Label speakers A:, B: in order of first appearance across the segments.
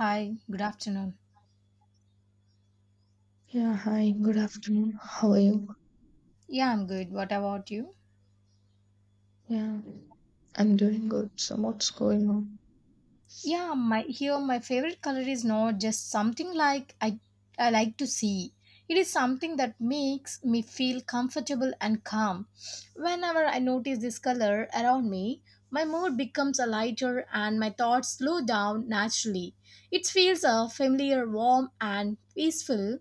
A: Hi, good afternoon.
B: Yeah, hi, good afternoon. How are you?
A: Yeah, I'm good. What about you?
B: Yeah, I'm doing good. So, what's going on?
A: Yeah, my favorite color is not just something like I like to see. It is something that makes me feel comfortable and calm. Whenever I notice this color around me, my mood becomes a lighter and my thoughts slow down naturally. It feels a familiar, warm and peaceful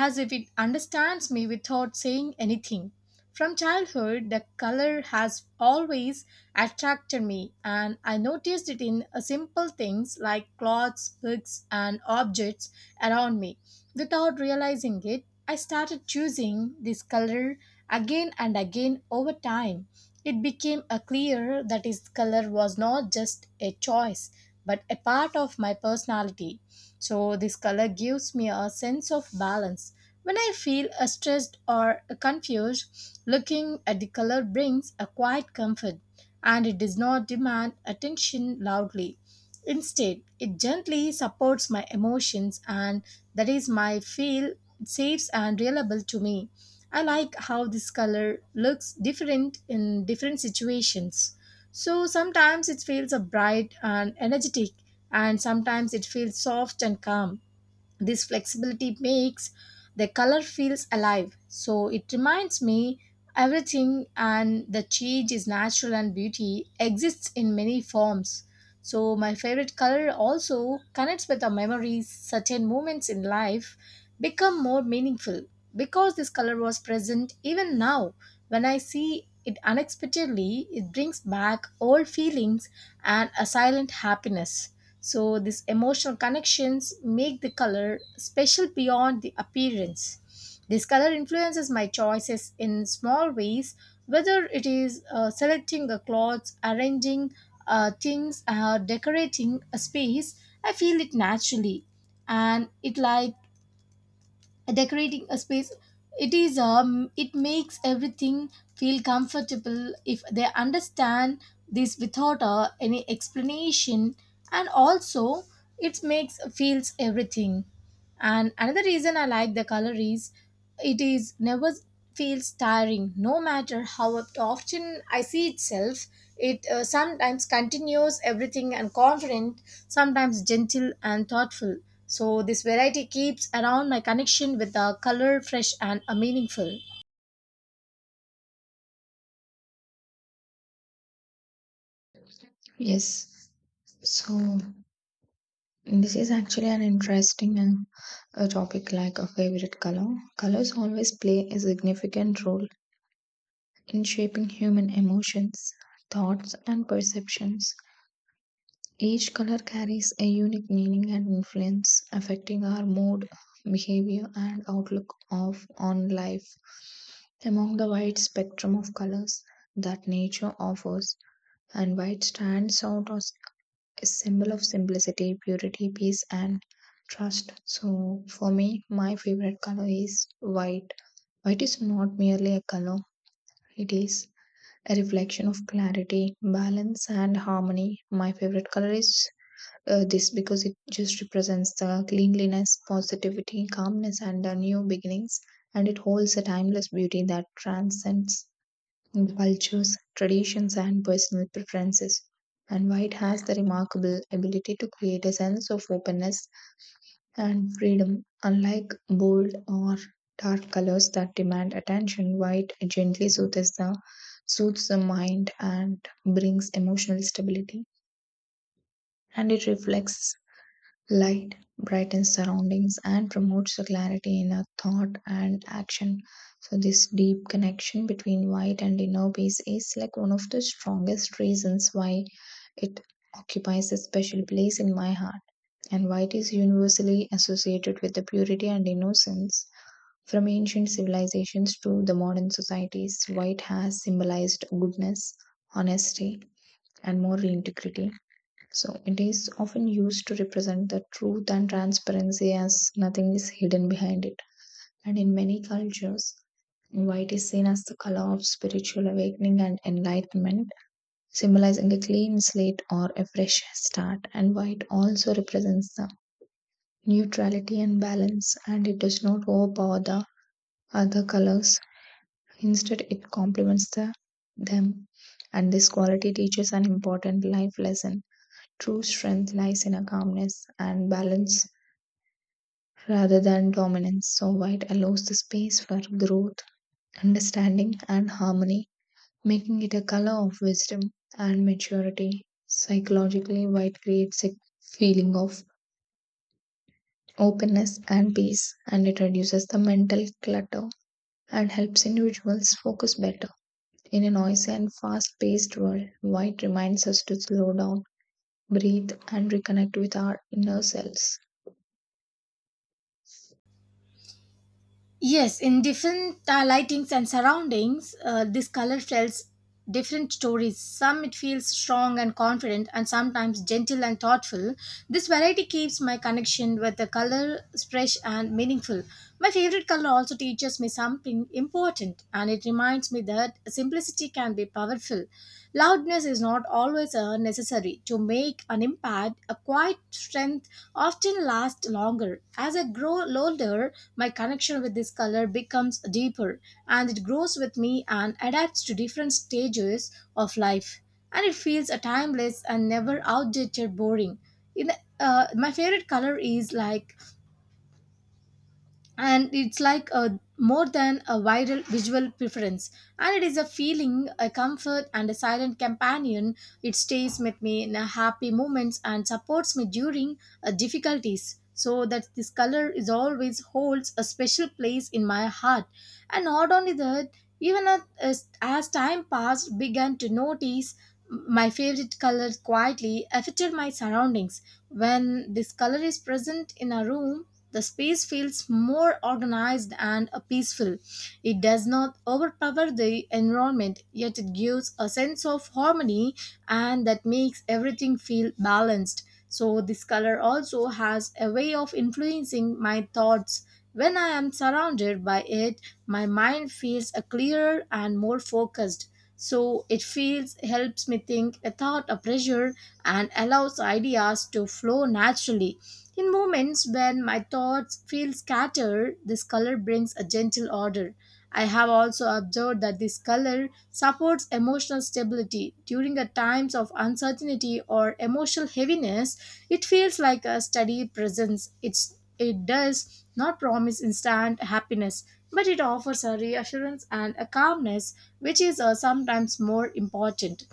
A: as if it understands me without saying anything. From childhood, the color has always attracted me, and I noticed it in simple things like clothes, books, and objects around me. Without realizing it, I started choosing this color again and again over time. It became clear that his color was not just a choice, but a part of my personality. So this color gives me a sense of balance. When I feel stressed or confused, looking at the color brings a quiet comfort, and it does not demand attention loudly. Instead, it gently supports my emotions, and that is my feel safe and reliable to me. I like how this color looks different in different situations. So sometimes it feels bright and energetic, and sometimes it feels soft and calm. This flexibility makes the color feels alive. So it reminds me everything and the change is natural and beauty exists in many forms. So, my favorite color also connects with our memories. Certain moments in life become more meaningful because this color was present even now. When I see it unexpectedly, it brings back old feelings and a silent happiness. So, these emotional connections make the color special beyond the appearance. This color influences my choices in small ways, whether it is selecting a clothes, arranging things, decorating a space. I feel it naturally, and it like decorating a space, it is it makes everything feel comfortable if they understand this without any explanation, and also it makes feels everything. And another reason I like the color is it is never feels tiring, no matter how often I see itself. It sometimes continues everything and confident, sometimes gentle and thoughtful. So this variety keeps around my connection with the color fresh and meaningful.
B: Yes, so this is actually an interesting and a topic like a favorite color. Colors always play a significant role in shaping human emotions, thoughts, and perceptions. Each color carries a unique meaning and influence, affecting our mood, behavior, and outlook of on life. Among the wide spectrum of colors that nature offers, and white stands out as a symbol of simplicity, purity, peace, and trust. So, for me, my favorite color is white. White is not merely a color, it is a reflection of clarity, balance, and harmony. My favorite color is this because it just represents the cleanliness, positivity, calmness, and the new beginnings. And it holds a timeless beauty that transcends cultures, traditions, and personal preferences. And white has the remarkable ability to create a sense of openness and freedom, unlike bold or dark colors that demand attention. White gently soothes the mind and brings emotional stability, and it reflects light, brightens surroundings, and promotes the clarity in our thought and action. So, this deep connection between white and inner peace is like one of the strongest reasons why it occupies a special place in my heart. And white is universally associated with the purity and innocence. From ancient civilizations to the modern societies, white has symbolized goodness, honesty, and moral integrity. So it is often used to represent the truth and transparency as nothing is hidden behind it. And in many cultures, white is seen as the color of spiritual awakening and enlightenment, symbolizing a clean slate or a fresh start. And white also represents the neutrality and balance, and it does not overpower the other colors. Instead, it complements them. And this quality teaches an important life lesson. True strength lies in a calmness and balance rather than dominance. So, white allows the space for growth, understanding, and harmony, making it a color of wisdom and maturity. Psychologically, white creates a feeling of openness and peace, and it reduces the mental clutter and helps individuals focus better. In a noisy and fast paced world, white reminds us to slow down, breathe, and reconnect with our inner selves.
A: Yes, in different lightings and surroundings, this color tells different stories. Some it feels strong and confident, and sometimes gentle and thoughtful. This variety keeps my connection with the color fresh and meaningful. My favorite color also teaches me something important, and it reminds me that simplicity can be powerful. Loudness is not always necessary to make an impact. A quiet strength often lasts longer. As I grow older, my connection with this color becomes deeper, and it grows with me and adapts to different stages of life. And it feels a timeless and never outdated boring. In the, my favorite color is like, and it's like a more than a viral visual preference, and it is a feeling a comfort and a silent companion. It stays with me in a happy moments and supports me during difficulties, so that this color is always holds a special place in my heart. And not only that, even as time passed began to notice my favorite color quietly affected my surroundings. When this color is present in a room, the space feels more organized and peaceful. It does not overpower the environment, yet it gives a sense of harmony, and that makes everything feel balanced. So, this color also has a way of influencing my thoughts. When I am surrounded by it, my mind feels a clearer and more focused. So it feels helps me think without a pressure and allows ideas to flow naturally. In moments when my thoughts feel scattered, this color brings a gentle order. I have also observed that this color supports emotional stability. During a times of uncertainty or emotional heaviness, it feels like a steady presence. It does not promise instant happiness, but it offers a reassurance and a calmness, which is sometimes more important.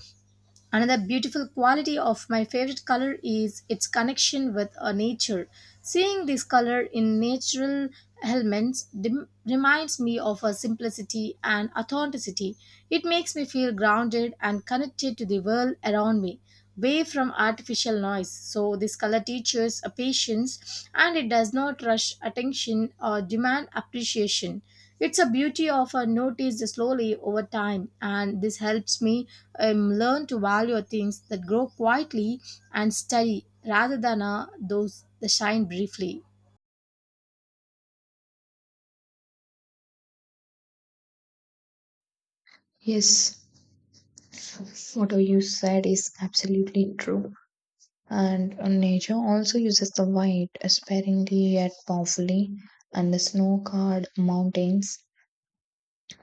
A: Another beautiful quality of my favorite color is its connection with nature. Seeing this color in natural elements reminds me of a simplicity and authenticity. It makes me feel grounded and connected to the world around me, way from artificial noise. So, this color teaches a patience, and it does not rush attention or demand appreciation. It's a beauty of a notice slowly over time, and this helps me learn to value things that grow quietly and steady rather than those that shine briefly.
B: Yes, what you said is absolutely true. And nature also uses the white sparingly yet powerfully, and the snow covered mountains,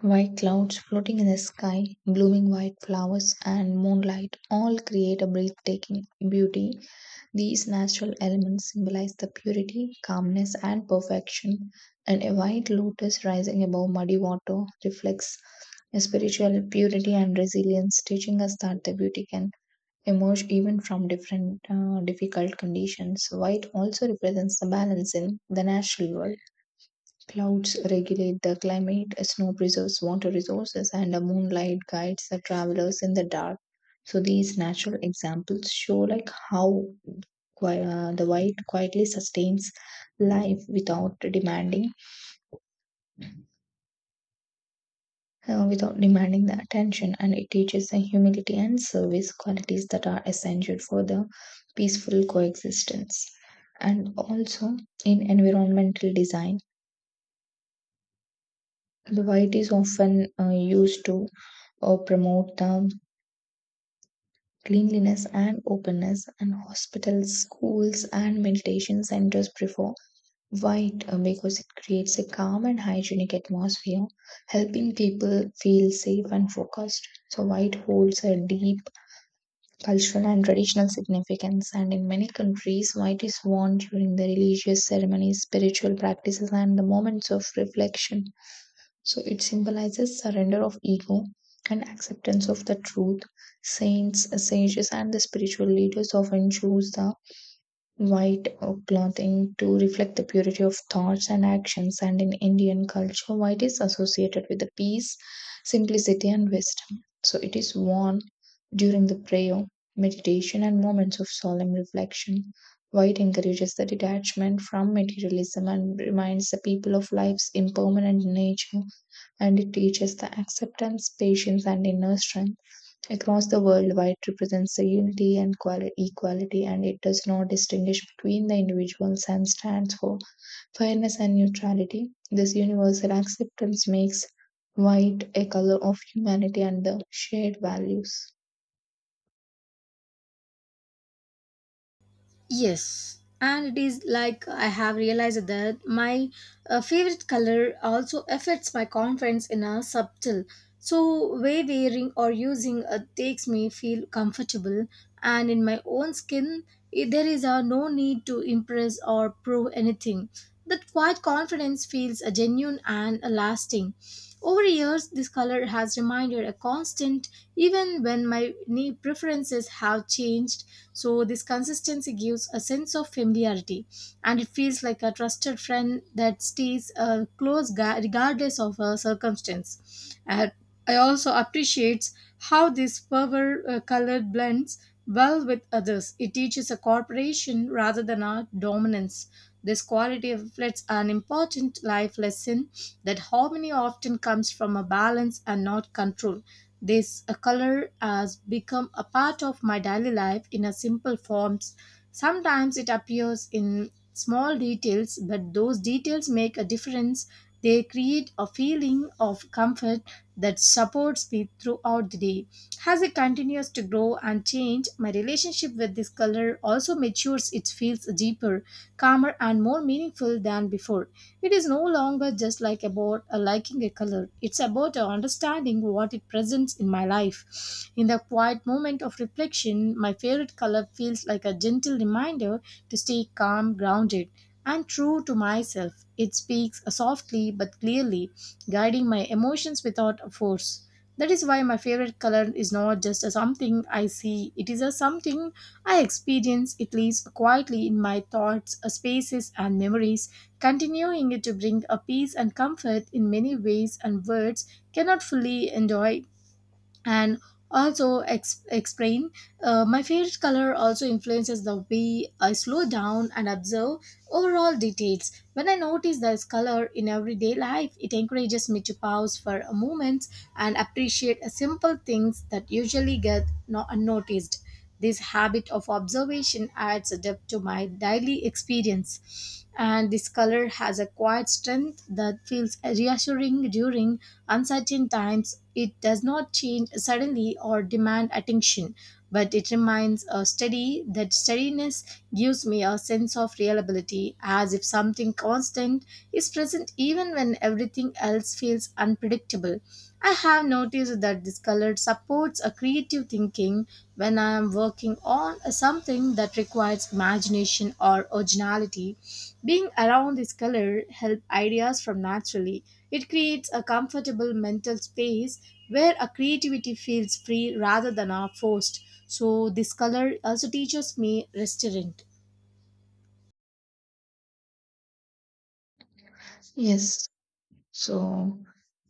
B: white clouds floating in the sky, blooming white flowers, and moonlight all create a breathtaking beauty. These natural elements symbolize the purity, calmness, and perfection, and a white lotus rising above muddy water reflects a spiritual purity and resilience, teaching us that the beauty can emerge even from different difficult conditions. White also represents the balance in the natural world. Clouds regulate the climate, snow preserves water resources, and the moonlight guides the travelers in the dark. So these natural examples show like how the white quietly sustains life without demanding the attention, and it teaches the humility and service, qualities that are essential for the peaceful coexistence. And also, in environmental design, the white is often used to or promote the cleanliness and openness, and hospitals, schools, and meditation centers prefer white because it creates a calm and hygienic atmosphere, helping people feel safe and focused. So white holds a deep cultural and traditional significance, and in many countries white is worn during the religious ceremonies, spiritual practices, and the moments of reflection. So it symbolizes surrender of ego and acceptance of the truth. Saints, sages, and the spiritual leaders often choose the white clothing to reflect the purity of thoughts and actions. And in Indian culture, white is associated with the peace, simplicity, and wisdom. So it is worn during the prayer, meditation, and moments of solemn reflection. White encourages the detachment from materialism and reminds the people of life's impermanent nature, and it teaches the acceptance, patience, and inner strength. Across the world, white represents the unity and equality, and it does not distinguish between the individuals and stands for fairness and neutrality. This universal acceptance makes white a color of humanity and the shared values.
A: Yes, and it is like I have realized that my favorite color also affects my confidence in a subtle. So, way wearing or using takes me feel comfortable, and in my own skin, I- there is no need to impress or prove anything. That quiet confidence feels genuine and lasting. Over years, this color has remained a constant, even when my knee preferences have changed. So, this consistency gives a sense of familiarity, and it feels like a trusted friend that stays close regardless of circumstance. And I also appreciate how this power color blends well with others. It teaches a cooperation rather than a dominance. This quality reflects an important life lesson that harmony often comes from a balance and not control. This color has become a part of my daily life in a simple forms. Sometimes it appears in small details, but those details make a difference. They create a feeling of comfort that supports me throughout the day. As it continues to grow and change, my relationship with this color also matures. It feels deeper, calmer, and more meaningful than before. It is no longer just like about a liking a color. It's about a understanding what it presents in my life. In the quiet moment of reflection, my favorite color feels like a gentle reminder to stay calm, grounded, and true to myself. It speaks softly but clearly, guiding my emotions without a force. That is why my favorite color is not just a something I see, it is a something I experience. It lives quietly in my thoughts, spaces, and memories, continuing to bring a peace and comfort in many ways, and words cannot fully enjoy and also explain. My favorite color also influences the way I slow down and observe overall details. When I notice this color in everyday life, it encourages me to pause for a moment and appreciate a simple things that usually get unnoticed. This habit of observation adds a depth to my daily experience, and this color has a quiet strength that feels reassuring during uncertain times. It does not change suddenly or demand attention, but it remains a steady. That steadiness gives me a sense of reliability, as if something constant is present even when everything else feels unpredictable. I have noticed that this color supports a creative thinking when I am working on something that requires imagination or originality. Being around this color help ideas from naturally. It creates a comfortable mental space where a creativity feels free rather than are forced. So this color also teaches me restraint.
B: Yes, so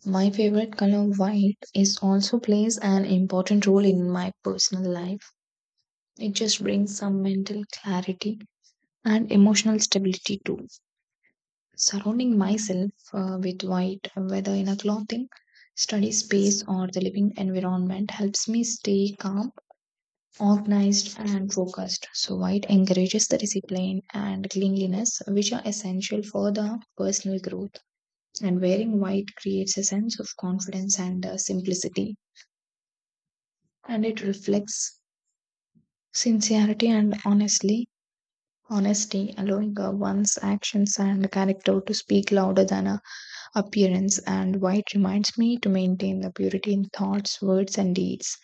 B: my favorite color white is also plays an important role in my personal life. It just brings some mental clarity and emotional stability too. Surrounding myself with white, whether in a clothing, study space, or the living environment, helps me stay calm, organized, and focused. So, white encourages the discipline and cleanliness, which are essential for the personal growth. And wearing white creates a sense of confidence and simplicity, and it reflects sincerity and honestly honesty, allowing one's actions and character to speak louder than a appearance. And white reminds me to maintain the purity in thoughts, words, and deeds.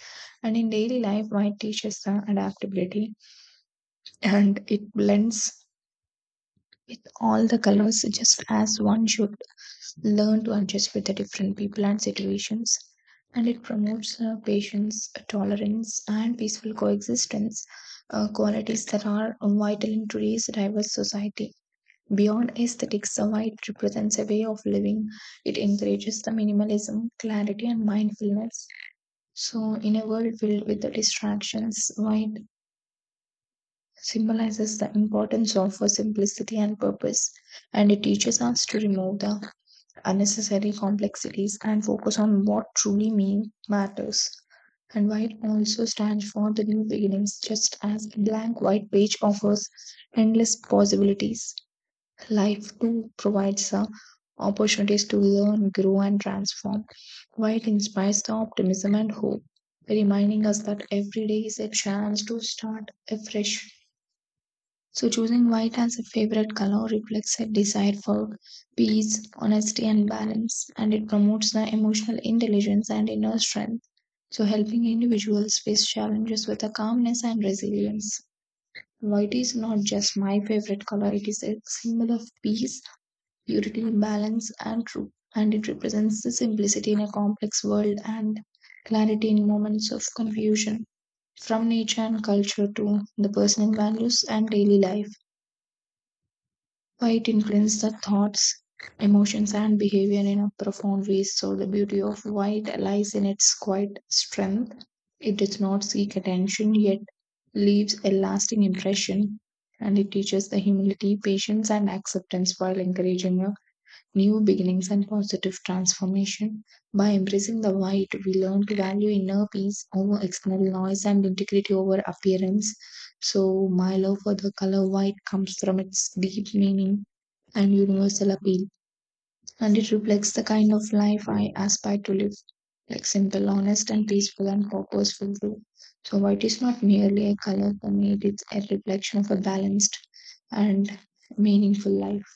B: And in daily life, white teaches the adaptability, and it blends with all the colors, just as one should learn to adjust with the different people and situations. And it promotes patience, tolerance, and peaceful coexistence, qualities that are vital in today's diverse society. Beyond aesthetics, the white represents a way of living. It encourages the minimalism, clarity, and mindfulness. So, in a world filled with the distractions, white symbolizes the importance of simplicity and purpose, and it teaches us to remove the unnecessary complexities and focus on what truly mean matters. And white also stands for the new beginnings, just as a blank white page offers endless possibilities. Life too provides opportunities to learn, grow, and transform, while it inspires the optimism and hope, reminding us that every day is a chance to start afresh. So, choosing white as a favorite color reflects a desire for peace, honesty, and balance, and it promotes the emotional intelligence and inner strength, so helping individuals face challenges with a calmness and resilience. White is not just my favorite color, it is a symbol of peace, purity, balance, and truth, and it represents the simplicity in a complex world and clarity in moments of confusion. From nature and culture to the personal values and daily life, white influences the thoughts, emotions, and behavior in a profound way. So the beauty of white lies in its quiet strength. It does not seek attention, yet leaves a lasting impression, and it teaches the humility, patience, and acceptance, while encouraging a new beginnings and positive transformation. By embracing the white, we learn to value inner peace over external noise and integrity over appearance. So, my love for the color white comes from its deep meaning and universal appeal, and it reflects the kind of life I aspire to live, like simple, honest, and peaceful and purposeful too. So, white is not merely a color for me, it is a reflection of a balanced and meaningful life.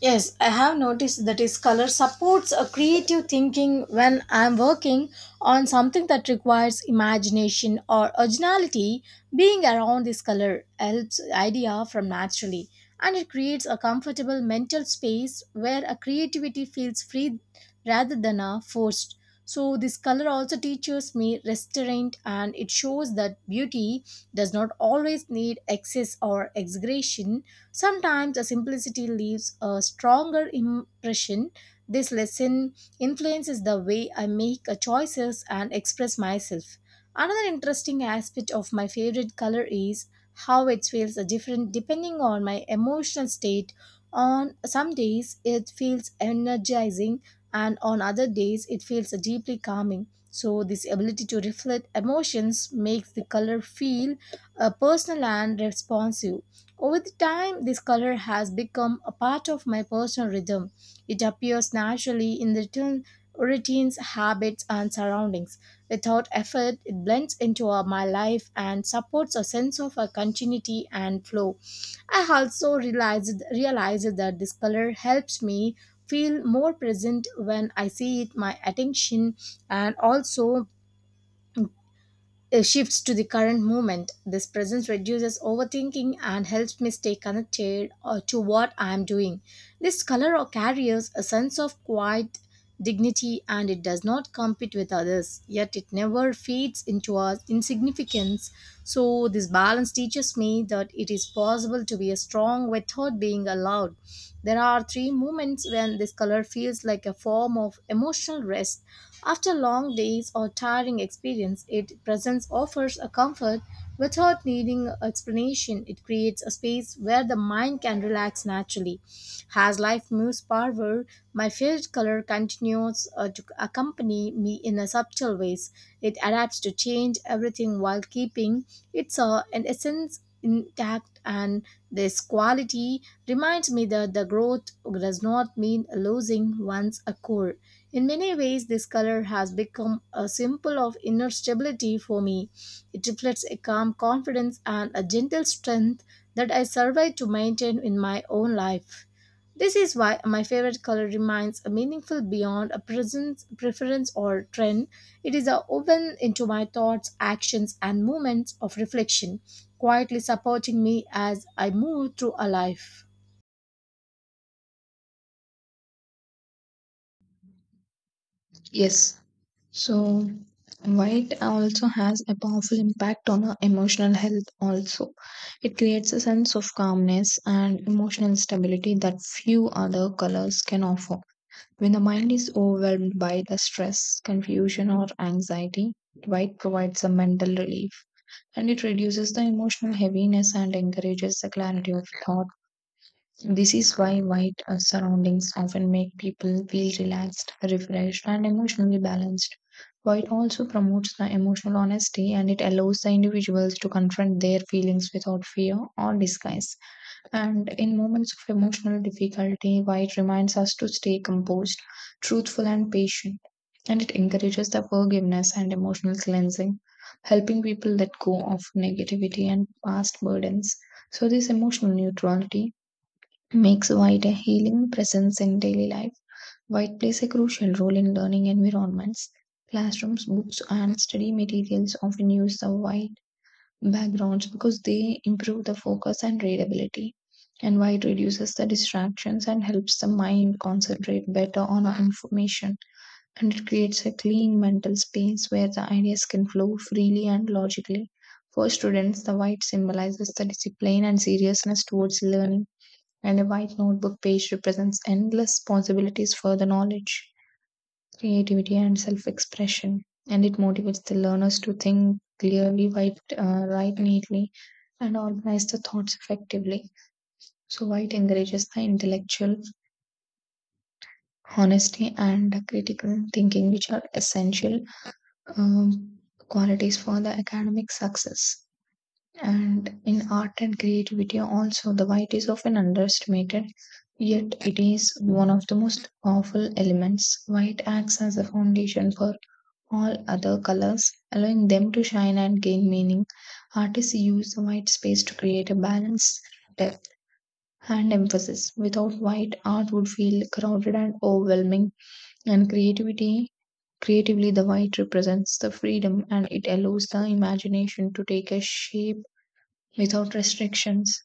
A: Yes, I have noticed that his color supports a creative thinking when I'm working on something that requires imagination or originality. Being around this color helps idea from naturally, and it creates a comfortable mental space where a creativity feels free rather than a forced. So this color also teaches me restraint, and it shows that beauty does not always need excess or exaggeration. Sometimes a simplicity leaves a stronger impression. This lesson influences the way I make a choices and express myself. Another interesting aspect of my favorite color is how it feels different depending on my emotional state. On some days, it feels energizing, and on other days, it feels deeply calming. So, this ability to reflect emotions makes the color feel personal and responsive. Over the time, this color has become a part of my personal rhythm. It appears naturally in the routines, habits, and surroundings. Without effort, it blends into my life and supports a sense of continuity and flow. I also realized that this color helps me feel more present. When I see it, my attention, and also shifts to the current moment. This presence reduces overthinking and helps me stay connected to what I am doing. This color carries a sense of quiet dignity, and it does not compete with others, yet it never fades into our insignificance. So, this balance teaches me that method, it is possible to be strong without being allowed. There are three moments when this color feels like a form of emotional rest. After long days or tiring experience, it presence offers a comfort without needing explanation. It creates a space where the mind can relax naturally. As life moves forward, my favorite color continues to accompany me in a subtle ways. It adapts to change everything while keeping its an essence intact, and this quality reminds me that the growth does not mean losing one's a core. In many ways, this color has become a symbol of inner stability for me. It reflects a calm confidence and a gentle strength that I survive to maintain in my own life. This is why my favorite color remains a meaningful beyond a presence, preference, or trend. It is a woven into my thoughts, actions, and moments of reflection, quietly supporting me as I move through a life.
B: Yes, so white also has a powerful impact on our emotional health also. It creates a sense of calmness and emotional stability that few other colors can offer. When the mind is overwhelmed by the stress, confusion, or anxiety, white provides a mental relief, and it reduces the emotional heaviness and encourages the clarity of thought. This is why white surroundings often make people feel relaxed, refreshed, and emotionally balanced. White also promotes the emotional honesty, and it allows the individuals to confront their feelings without fear or disguise. And in moments of emotional difficulty, white reminds us to stay composed, truthful, and patient. And it encourages the forgiveness and emotional cleansing, helping people let go of negativity and past burdens. So, this emotional neutrality makes white a healing presence in daily life. White plays a crucial role in learning environments. Classrooms, books, and study materials often use the white backgrounds because they improve the focus and readability. And white reduces the distractions and helps the mind concentrate better on our information. And it creates a clean mental space where the ideas can flow freely and logically. For students, the white symbolizes the discipline and seriousness towards learning, and a white notebook page represents endless possibilities for the knowledge, creativity, and self expression. And it motivates the learners to think clearly, write neatly, and organize the thoughts effectively. So, white encourages the intellectual honesty and critical thinking, which are essential um, qualities for the academic success. And in art and creativity, also, the white is often underestimated, yet it is one of the most powerful elements. White acts as a foundation for all other colors, allowing them to shine and gain meaning. Artists use the white space to create a balance, depth, and emphasis. Without white, art would feel crowded and overwhelming, and creativity. Creatively, the white represents the freedom, and it allows the imagination to take a shape without restrictions.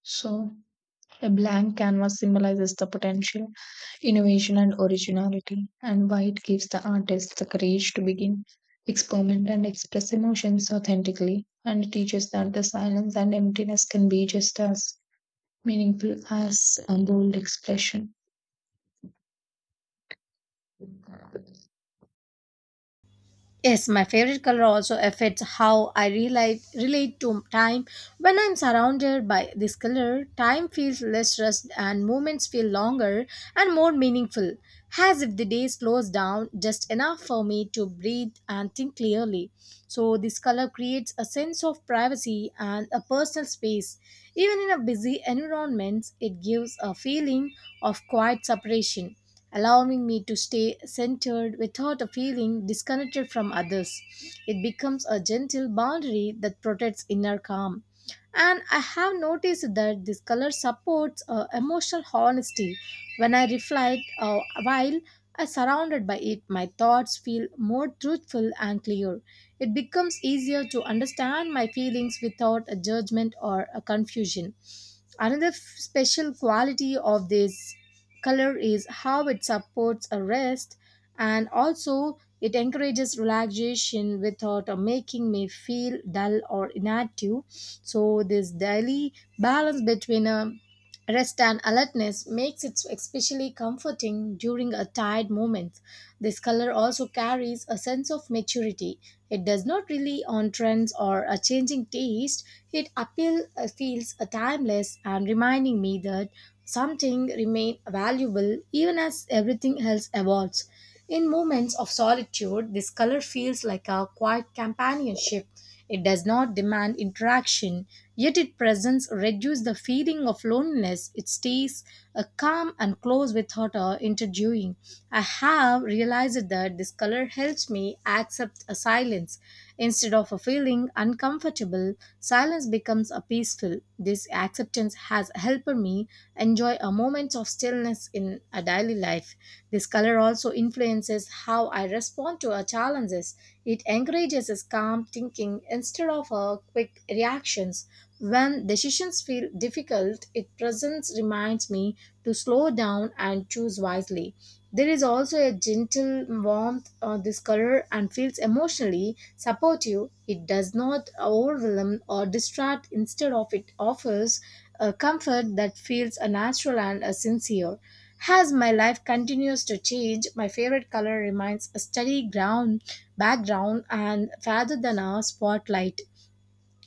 B: So, a blank canvas symbolizes the potential, innovation, and originality, and white gives the artist the courage to begin, experiment, and express emotions authentically, and teaches that the silence and emptiness can be just as meaningful as a bold expression.
A: Yes, my favorite color also affects how I relate to time. When I'm surrounded by this color, time feels less rushed and moments feel longer and more meaningful, as if the day slows down just enough for me to breathe and think clearly. So, this color creates a sense of privacy and a personal space. Even in a busy environment, it gives a feeling of quiet separation allowing me to stay centered without a feeling disconnected from others. It becomes a gentle boundary that protects inner calm. And I have noticed that this color supports emotional honesty. When I reflect while I surrounded by it, my thoughts feel more truthful and clear. It becomes easier to understand my feelings without a judgment or a confusion. Another f- special quality of this color is how it supports a rest, and also it encourages relaxation without making me feel dull or inactive. So, this daily balance between a rest and alertness makes it especially comforting during a tired moment. This color also carries a sense of maturity. It does not rely on trends or a changing taste. It appeal feels timeless and reminding me that something remain valuable even as everything else evolves. In moments of solitude, this color feels like a quiet companionship. It does not demand interaction, yet its presence reduces the feeling of loneliness. It stays calm and close without interviewing. I have realized that this color helps me accept a silence. Instead of a feeling uncomfortable, silence becomes a peaceful. This acceptance has helped me enjoy a moment of stillness in a daily life. This color also influences how I respond to our challenges. It encourages us calm thinking instead of our quick reactions. When decisions feel difficult, its presence reminds me to slow down and choose wisely. There is also a gentle warmth on this color and feels emotionally supportive. It does not overwhelm or distract, instead of it offers a comfort that feels a natural and a sincere. As my life continues to change, my favorite color remains a steady ground background and rather than a spotlight.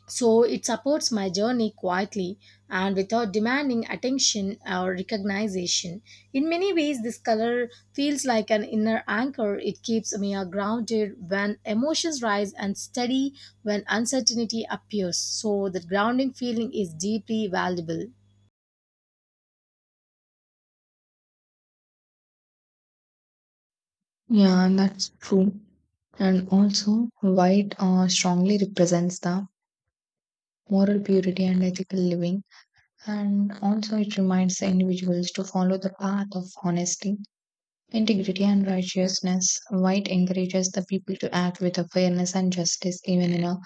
A: So, it supports my journey quietly and without demanding attention or recognition. In many ways, this color feels like an inner anchor. It keeps me grounded when emotions rise and steady when uncertainty appears. So, that grounding feeling is deeply valuable.
B: Yeah, that's true. And also, white strongly represents the moral purity and ethical living, and also it reminds the individuals to follow the path of honesty, integrity, and righteousness. White encourages the people to act with a fairness and justice even in a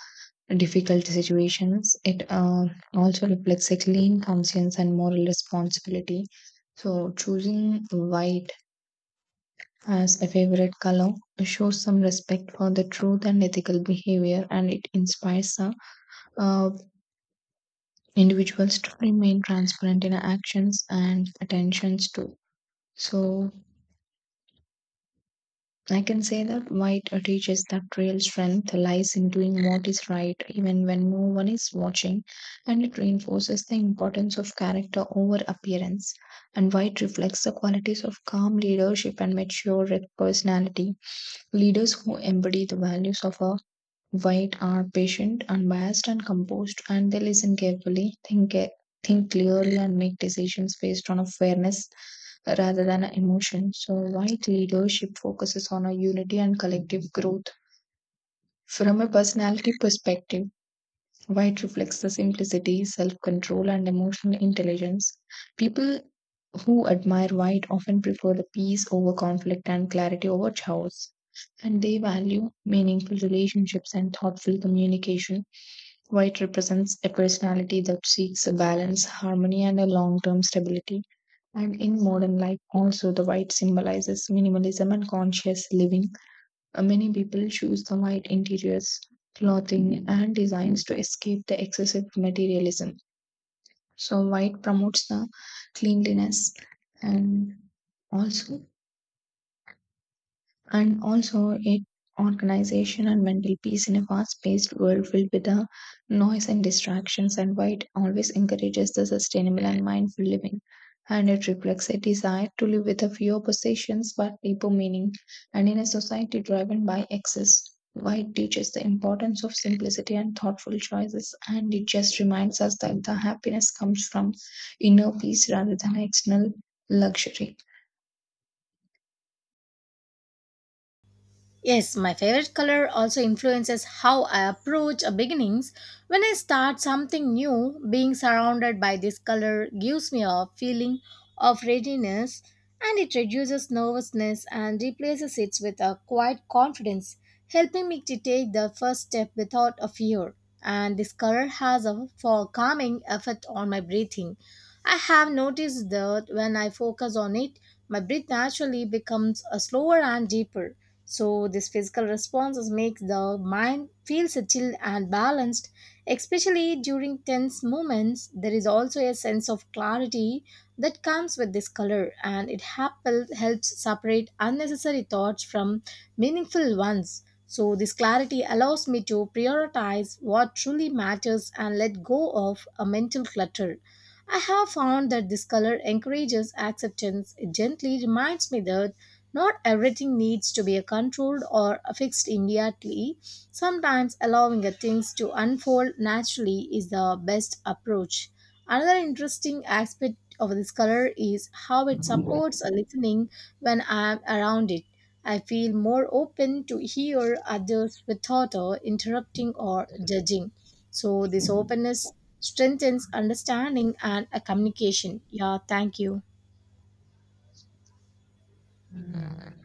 B: difficult situations. It also reflects a clean conscience and moral responsibility. So, choosing white as a favorite color shows some respect for the truth and ethical behavior, and it inspires the uh, individuals to remain transparent in actions and attentions too. So, I can say that white teaches that real strength lies in doing what is right even when no one is watching, and it reinforces the importance of character over appearance. And white reflects the qualities of calm leadership and mature personality. Leaders who embody the values of a white are patient, unbiased, and composed, and they listen carefully, think clearly, and make decisions based on a fairness rather than a emotion. So, white leadership focuses on a unity and collective growth. From a personality perspective, white reflects the simplicity, self control, and emotional intelligence. People who admire white often prefer the peace over conflict and clarity over chaos. And they value meaningful relationships and thoughtful communication. White represents a personality that seeks a balance, harmony, and a long term stability. And in modern life, also, the white symbolizes minimalism and conscious living. Many people choose the light interiors, clothing, and designs to escape the excessive materialism. So, white promotes the cleanliness and also and also it organization and mental peace in a fast-paced world filled with the noise and distractions, and why it always encourages the sustainable and mindful living, and it reflects a desire to live with a fewer possessions but deeper meaning. And in a society driven by excess, why it teaches the importance of simplicity and thoughtful choices, and it just reminds us that the happiness comes from inner peace rather than external luxury.
A: Yes, my favorite color also influences how I approach a beginnings. When I start something new, being surrounded by this color gives me a feeling of readiness, and it reduces nervousness and replaces it with a quiet confidence, helping me to take the first step without a fear. And this color has a for calming effect on my breathing. I have noticed that when I focus on it, my breath naturally becomes a slower and deeper, so this physical responses makes the mind feel settled and balanced, especially during tense moments. There is also a sense of clarity that comes with this color, and it helps separate unnecessary thoughts from meaningful ones. So, this clarity allows me to prioritize what truly matters and let go of a mental clutter. I have found that this color encourages acceptance. It gently reminds me that not everything needs to be controlled or fixed immediately. Sometimes allowing things to unfold naturally is the best approach. Another interesting aspect of this color is how it supports listening when I'm around it. I feel more open to hear others without interrupting or judging. So, this openness strengthens understanding and communication. Yeah, thank you.
B: Mm.